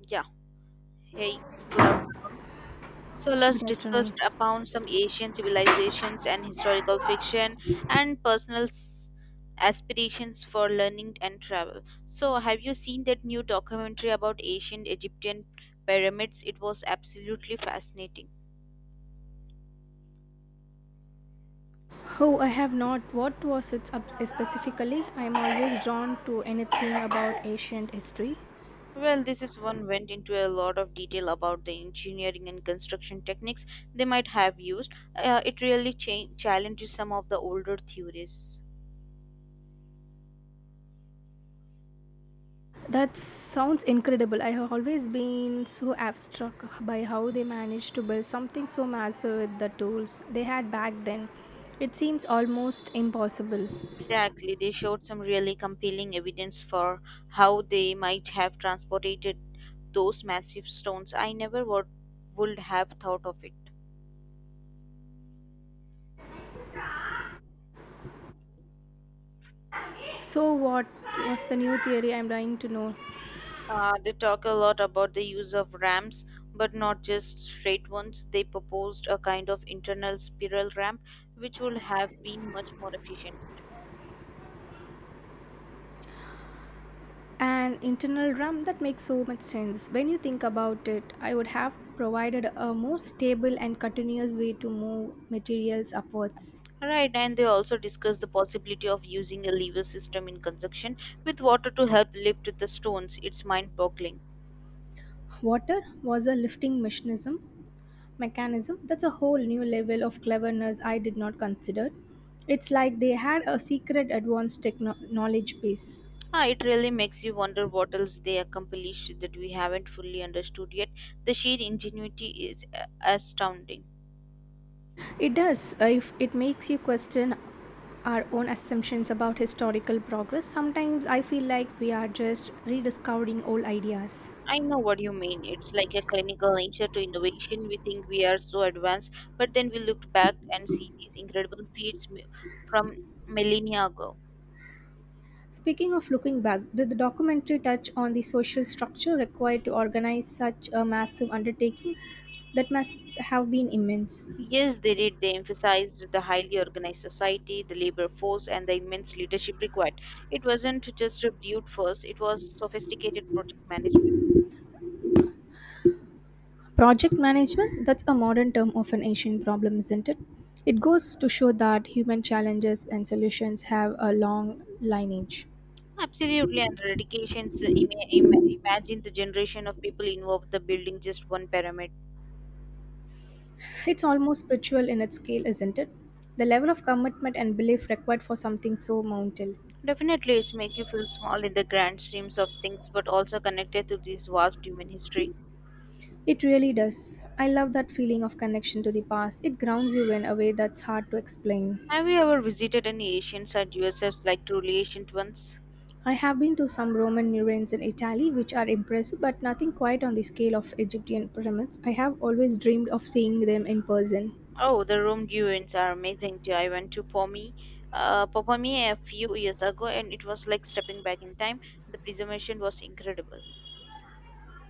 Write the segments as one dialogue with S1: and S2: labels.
S1: Yeah, hey, good afternoon. So
S2: Good
S1: let's discuss
S2: afternoon.
S1: upon some Asian civilizations and historical fiction and personal aspirations for learning and travel. So have you seen that new documentary about ancient Egyptian pyramids? It was absolutely fascinating.
S2: Oh, I have not. What was it up specifically? I am always drawn to anything about ancient history.
S1: Well, this is one went into a lot of detail about the engineering and construction techniques they might have used. It really challenges some of the older theories.
S2: That sounds incredible. I have always been so abstract by how they managed to build something so massive with the tools they had back then. It seems almost impossible.
S1: Exactly, they showed some really compelling evidence for how they might have transported those massive stones. I never would, would have thought of it.
S2: So, what was the new theory? I'm dying to know.
S1: They talk a lot about the use of ramps, but not just straight ones. They proposed a kind of internal spiral ramp, which would have been much more efficient.
S2: An internal drum that makes so much sense when you think about it. I would have provided a more stable and continuous way to move materials upwards.
S1: Right, and they also discussed the possibility of using a lever system in conjunction with water to help lift the stones. It's mind boggling.
S2: Water was a lifting mechanism. That's a whole new level of cleverness. I did not consider. It's like they had a secret advanced knowledge base.
S1: It really makes you wonder what else they accomplished that we haven't fully understood yet. The sheer ingenuity is astounding.
S2: It does, if it makes you question our own assumptions about historical progress. Sometimes I feel like we are just rediscovering old ideas.
S1: I know what you mean. It's like a clinical nature to innovation. We think we are so advanced, but then we look back and see these incredible feats from millennia ago.
S2: Speaking of looking back, did the documentary touch on the social structure required to organize such a massive undertaking? That must have been immense.
S1: Yes, they did. They emphasized the highly organized society, the labor force, and the immense leadership required. It wasn't just a brute force, it was sophisticated project management.
S2: Project management, that's a modern term of an ancient problem, isn't it? It goes to show that human challenges and solutions have a long lineage.
S1: Absolutely, and dedications. Imagine the generation of people involved the building just one pyramid.
S2: It's almost spiritual in its scale, isn't it? The level of commitment and belief required for something so monumental.
S1: Definitely, it's make you feel small in the grand schemes of things, but also connected to this vast human history.
S2: It really does. I love that feeling of connection to the past. It grounds you in a way that's hard to explain.
S1: Have you ever visited any ancient site yourself, like truly ancient ones?
S2: I have been to some Roman ruins in Italy which are impressive, but nothing quite on the scale of Egyptian pyramids. I have always dreamed of seeing them in person.
S1: Oh, the Rome ruins are amazing too. I went to Popomi a few years ago, and it was like stepping back in time. The preservation was incredible.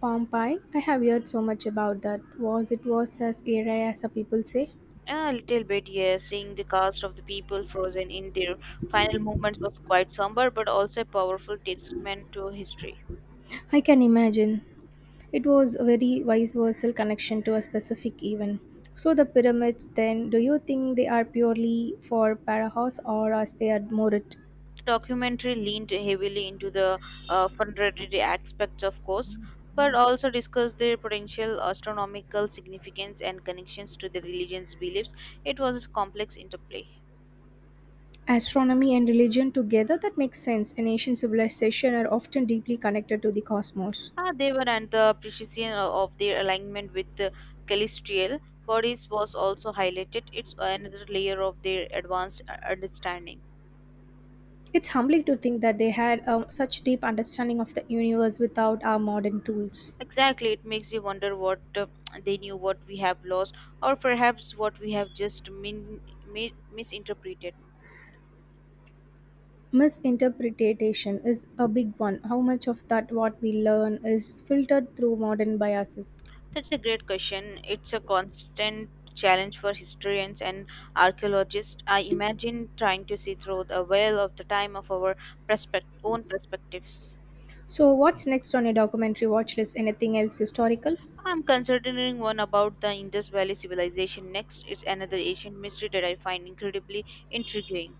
S2: Pompeii, I have heard so much about that. Was it was as area as the people say?
S1: A little bit, yes. Seeing the cast of the people frozen in their final moments was quite somber, but also a powerful testament to history.
S2: I can imagine. It was a very vice versa connection to a specific event. So the pyramids then, do you think they are purely for parahos or as they are more it?
S1: The documentary leaned heavily into the fundraising aspects, of course, but also discussed their potential astronomical significance and connections to the religion's beliefs. It was a complex interplay.
S2: Astronomy and religion together, that makes sense. And ancient civilizations are often deeply connected to the cosmos.
S1: Ah, they were, and the precision of their alignment with the celestial bodies was also highlighted. It's another layer of their advanced understanding.
S2: It's humbling to think that they had such deep understanding of the universe without our modern tools.
S1: Exactly, it makes you wonder what they knew, what we have lost, or perhaps what we have just misinterpreted.
S2: Misinterpretation is a big one. How much of that what we learn is filtered through modern biases?
S1: That's a great question. It's a constant challenge for historians and archaeologists. I imagine trying to see through the veil of the time of our own perspectives.
S2: So what's next on your documentary watch list? Anything else historical?
S1: I'm considering one about the Indus Valley civilization next. It's another ancient mystery that I find incredibly intriguing.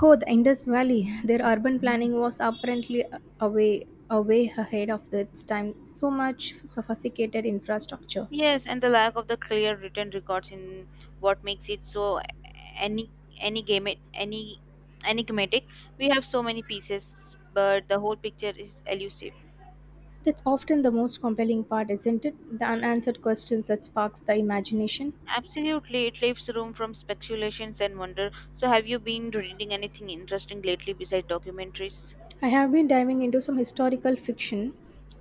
S2: Oh, the Indus Valley. Their urban planning was apparently away away ahead of its time. So much sophisticated infrastructure.
S1: Yes, and the lack of the clear written records in what makes it so any any game any enigmatic. We have so many pieces but the whole picture is elusive.
S2: That's often the most compelling part, isn't it? The unanswered questions that sparks the imagination.
S1: Absolutely, it leaves room from speculations and wonder. So have you been reading anything interesting lately besides documentaries?
S2: I have been diving into some historical fiction.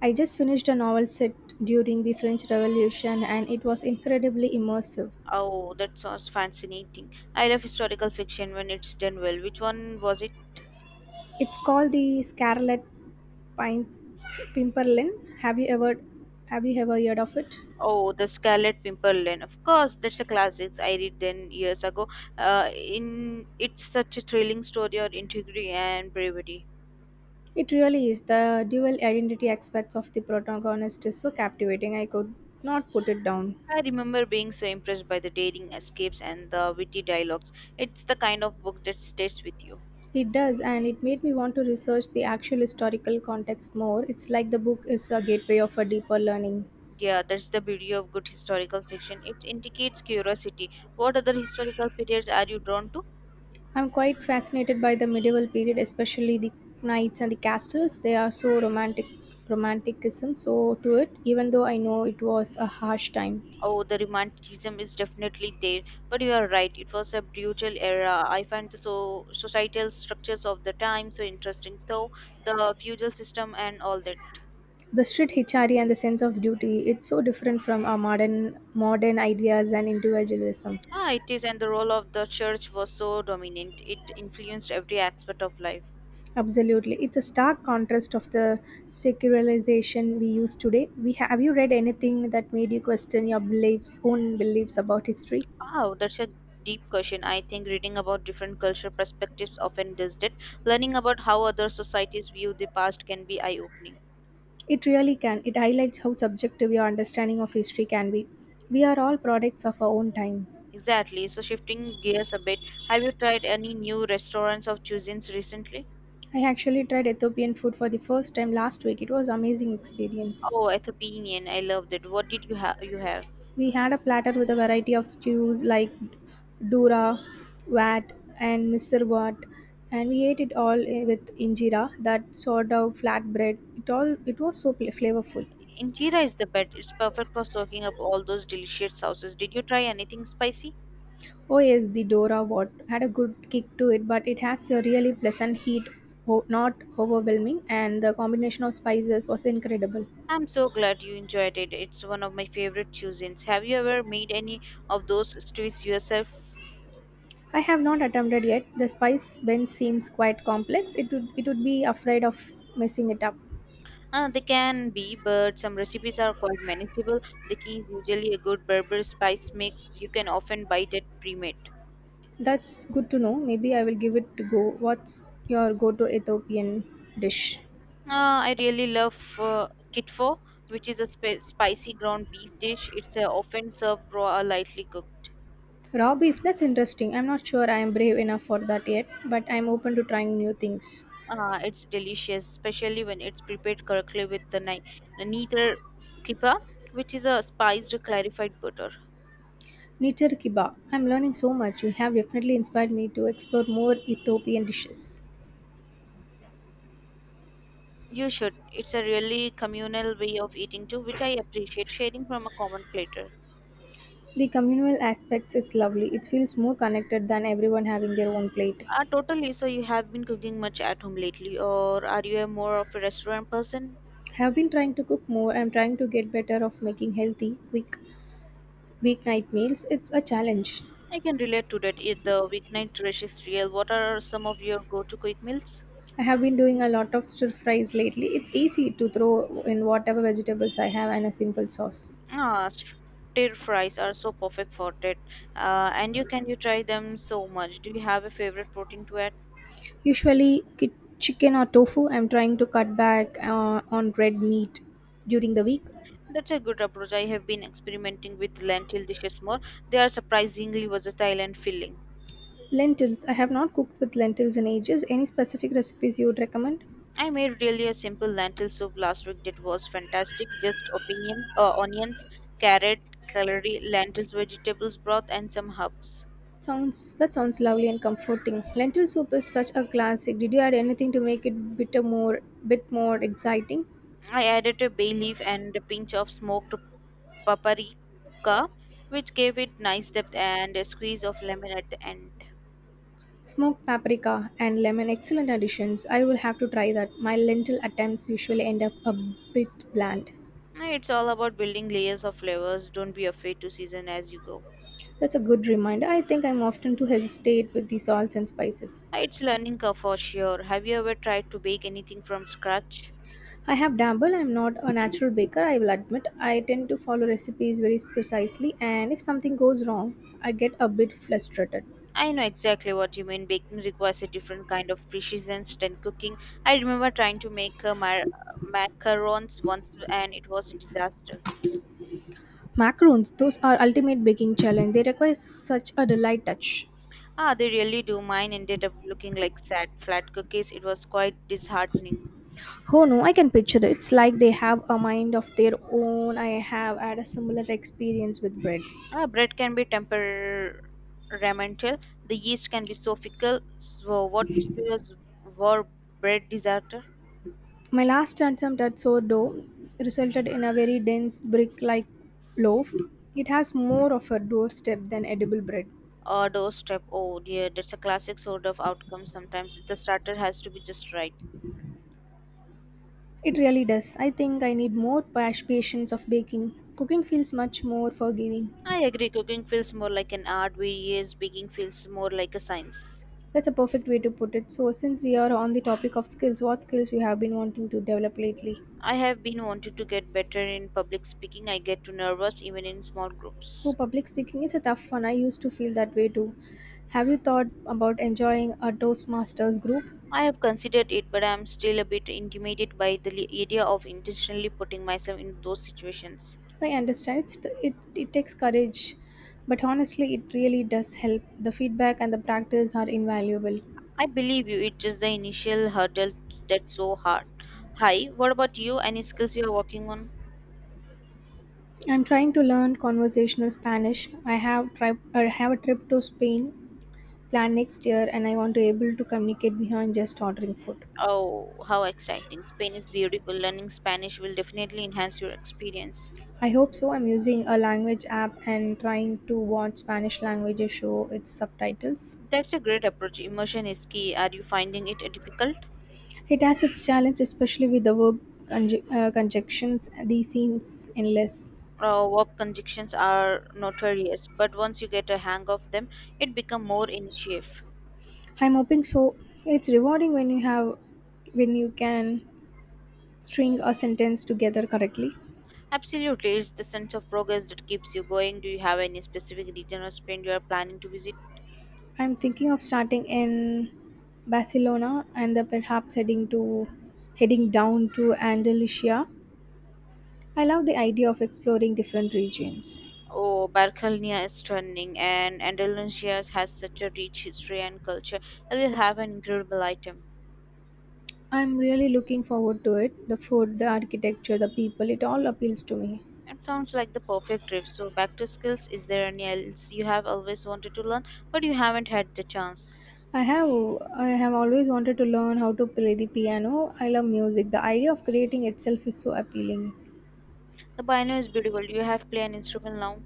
S2: I just finished a novel set during the French Revolution and it was incredibly immersive.
S1: Oh, that sounds fascinating. I love historical fiction when it's done well. Which one was it?
S2: It's called The Scarlet Pine Pimperlin. Have you ever have you ever heard of it?
S1: Oh, the Scarlet Pimpernel, of course. That's a classic. I read then years ago. In it's such a thrilling story of integrity and bravery.
S2: It really is. The dual identity aspects of the protagonist is so captivating. I could not put it down.
S1: I remember being so impressed by the daring escapes and the witty dialogues. It's the kind of book that stays with you.
S2: It does, and it made me want to research the actual historical context more. It's like the book is a gateway of a deeper learning.
S1: Yeah, that's the beauty of good historical fiction. It indicates curiosity. What other historical periods are you drawn to?
S2: I'm quite fascinated by the medieval period, especially the knights and the castles. They are so romantic, romanticism so to it. Even though I know it was a harsh time,
S1: Oh, the romanticism is definitely there, but you are right. It was a brutal era. I find the so societal structures of the time so interesting, though the feudal system and all that.
S2: the street hitchari and the sense of duty. It's so different from our modern ideas and individualism.
S1: Ah, it is, and the role of the church was so dominant. It influenced every aspect of life.
S2: Absolutely. It's a stark contrast of the secularization we use today. We have you read anything that made you question your beliefs, own beliefs about history?
S1: Wow, that's a deep question. I think reading about different cultural perspectives often does that. Learning about how other societies view the past can be eye opening.
S2: It really can. It highlights how subjective your understanding of history can be. We are all products of our own time.
S1: Exactly. So, shifting gears a bit, have you tried any new restaurants of cuisines recently?
S2: I actually tried Ethiopian food for the first time last week. It was amazing experience.
S1: Oh, Ethiopian. I love that. What did you have? You have.
S2: We had a platter with a variety of stews like dura, wat, and misirvat, and we ate it all with injera, that sort of flatbread. It was so flavorful.
S1: Injera is the best. It's perfect for soaking up all those delicious sauces. Did you try anything spicy?
S2: Oh yes, the dora wat had a good kick to it, but it has a really pleasant heat, not overwhelming, and the combination of spices was incredible.
S1: I'm so glad you enjoyed it. It's one of my favorite cuisines. Have you ever made any of those stews yourself?
S2: I have not attempted yet. The spice blend seems quite complex. It would be afraid of messing it up.
S1: They can be, but some recipes are quite manageable. The key is usually a good Berber spice mix. You can often buy it at pre-made.
S2: That's good to know. Maybe I will give it to go. What's your go to Ethiopian dish?
S1: I really love kitfo, which is a spicy ground beef dish. It's often served raw or lightly cooked.
S2: Raw beef, that's interesting. I'm not sure I am brave enough for that yet, but I'm open to trying new things.
S1: It's delicious, especially when it's prepared correctly with the the neither kippa, which is a spiced clarified butter.
S2: Nicher kiba. I'm learning so much. You have definitely inspired me to explore more Ethiopian dishes.
S1: You should. It's a really communal way of eating too, which I appreciate sharing from a common platter.
S2: The communal aspects, it's lovely. It feels more connected than everyone having their own plate.
S1: Totally. So you have been cooking much at home lately, or are you a more of a restaurant person?
S2: Have been trying to cook more. I'm trying to get better of making healthy, quick weeknight meals. It's a challenge.
S1: I can relate to that. If the weeknight rush is real, what are some of your go-to quick meals?
S2: I have been doing a lot of stir fries lately. It's easy to throw in whatever vegetables I have and a simple sauce.
S1: Ah, stir fries are so perfect for that. And you can you try them so much. Do you have a favorite protein to add?
S2: Usually chicken or tofu. I'm trying to cut back, on red meat during the week.
S1: That's a good approach. I have been experimenting with lentil dishes more. They are surprisingly versatile and filling.
S2: Lentils. I have not cooked with lentils in ages. Any specific recipes you would recommend?
S1: I made really a simple lentil soup last week that was fantastic. Just opinion, onions, carrot, celery, lentils, vegetables broth, and some herbs.
S2: Sounds That sounds lovely and comforting. Lentil soup is such a classic. Did you add anything to make it bit more exciting?
S1: I added a bay leaf and a pinch of smoked paprika, which gave it nice depth and a squeeze of lemon at the end.
S2: Smoked paprika and lemon, excellent additions. I will have to try that. My lentil attempts usually end up a bit bland.
S1: It's all about building layers of flavors. Don't be afraid to season as you go.
S2: That's a good reminder. I think I'm often too hesitate with the salts and spices.
S1: It's learning curve for sure. Have you ever tried to bake anything from scratch?
S2: I have dabbled. I'm not a natural baker, I will admit. I tend to follow recipes very precisely, and if something goes wrong, I get a bit frustrated.
S1: I know exactly what you mean. Baking requires a different kind of precision than cooking. I remember trying to make macarons once and it was a disaster.
S2: Macarons, those are ultimate baking challenge. They require such a delight touch.
S1: Ah, they really do. Mine ended up looking like sad, flat cookies. It was quite disheartening.
S2: Oh no, I can picture it. It's like they have a mind of their own. I have had a similar experience with bread.
S1: Ah, bread can be temperamental. The yeast can be so fickle. So, what was war bread disaster?
S2: My last attempt at sourdough resulted in a very dense brick like loaf. It has more of a doorstep than edible bread.
S1: Or doorstep. Oh dear, that's a classic sort of outcome sometimes. The starter has to be just right.
S2: It really does. I think I need more patience of baking. Cooking feels much more forgiving.
S1: I agree, cooking feels more like an art, whereas baking feels more like a science.
S2: That's a perfect way to put it. So, since we are on the topic of skills, what skills you have been wanting to develop lately?
S1: I have been wanting to get better in public speaking. I get too nervous even in small
S2: Oh,
S1: groups.
S2: public speaking is a tough one. I used to feel that way too. Have you thought about enjoying a Toastmasters group?
S1: I have considered it, but I am still a bit intimidated by the idea of intentionally putting myself in those situations.
S2: I understand it takes courage, but honestly, it really does help. The feedback and the practice are invaluable.
S1: I believe you, it's just the initial hurdle that's so hard. Hi, what about you? Any skills you are working on?
S2: I'm trying to learn conversational Spanish. I have a trip to Spain planned next year, and I want to able to communicate beyond just ordering food.
S1: Oh, how exciting! Spain is beautiful. Learning Spanish will definitely enhance your experience.
S2: I hope so. I'm using a language app and trying to watch Spanish language show its subtitles.
S1: That's a great approach. Immersion is key. Are you finding it difficult?
S2: It has its challenge, especially with the verb conjunctions. These seems endless.
S1: Warp conjunctions are notorious, but once you get a hang of them, it become more initiative.
S2: I'm hoping so. It's rewarding when you can string a sentence together correctly.
S1: Absolutely, it's the sense of progress that keeps you going. Do you have any specific region or Spain you are planning to visit?
S2: I'm thinking of starting in Barcelona and then perhaps heading down to Andalusia. I love the idea of exploring different regions.
S1: Oh, Barcelona is stunning, and Andalusia has such a rich history and culture. I will have an incredible item.
S2: I'm really looking forward to it. The food, the architecture, the people, it all appeals to me.
S1: It sounds like the perfect trip. So, back to skills. Is there any else you have always wanted to learn, but you haven't had the chance?
S2: I have I have always wanted to learn how to play the piano. I love music. The idea of creating itself is so appealing.
S1: The piano is beautiful. You have play an instrument now.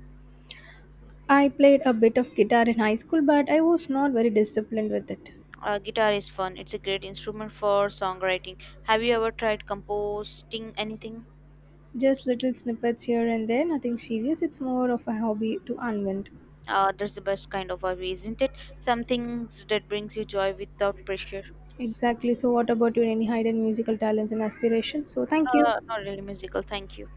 S2: I played a bit of guitar in high school, but I was not very disciplined with it.
S1: Guitar is fun. It's a great instrument for songwriting. Have you ever tried composing anything?
S2: Just little snippets here and there, nothing serious. It's more of a hobby to unwind.
S1: That's the best kind of hobby, isn't it? Some things that brings you joy without pressure.
S2: Exactly. So what about you? Any hidden musical talents and aspirations? So thank you.
S1: Not really musical. Thank you.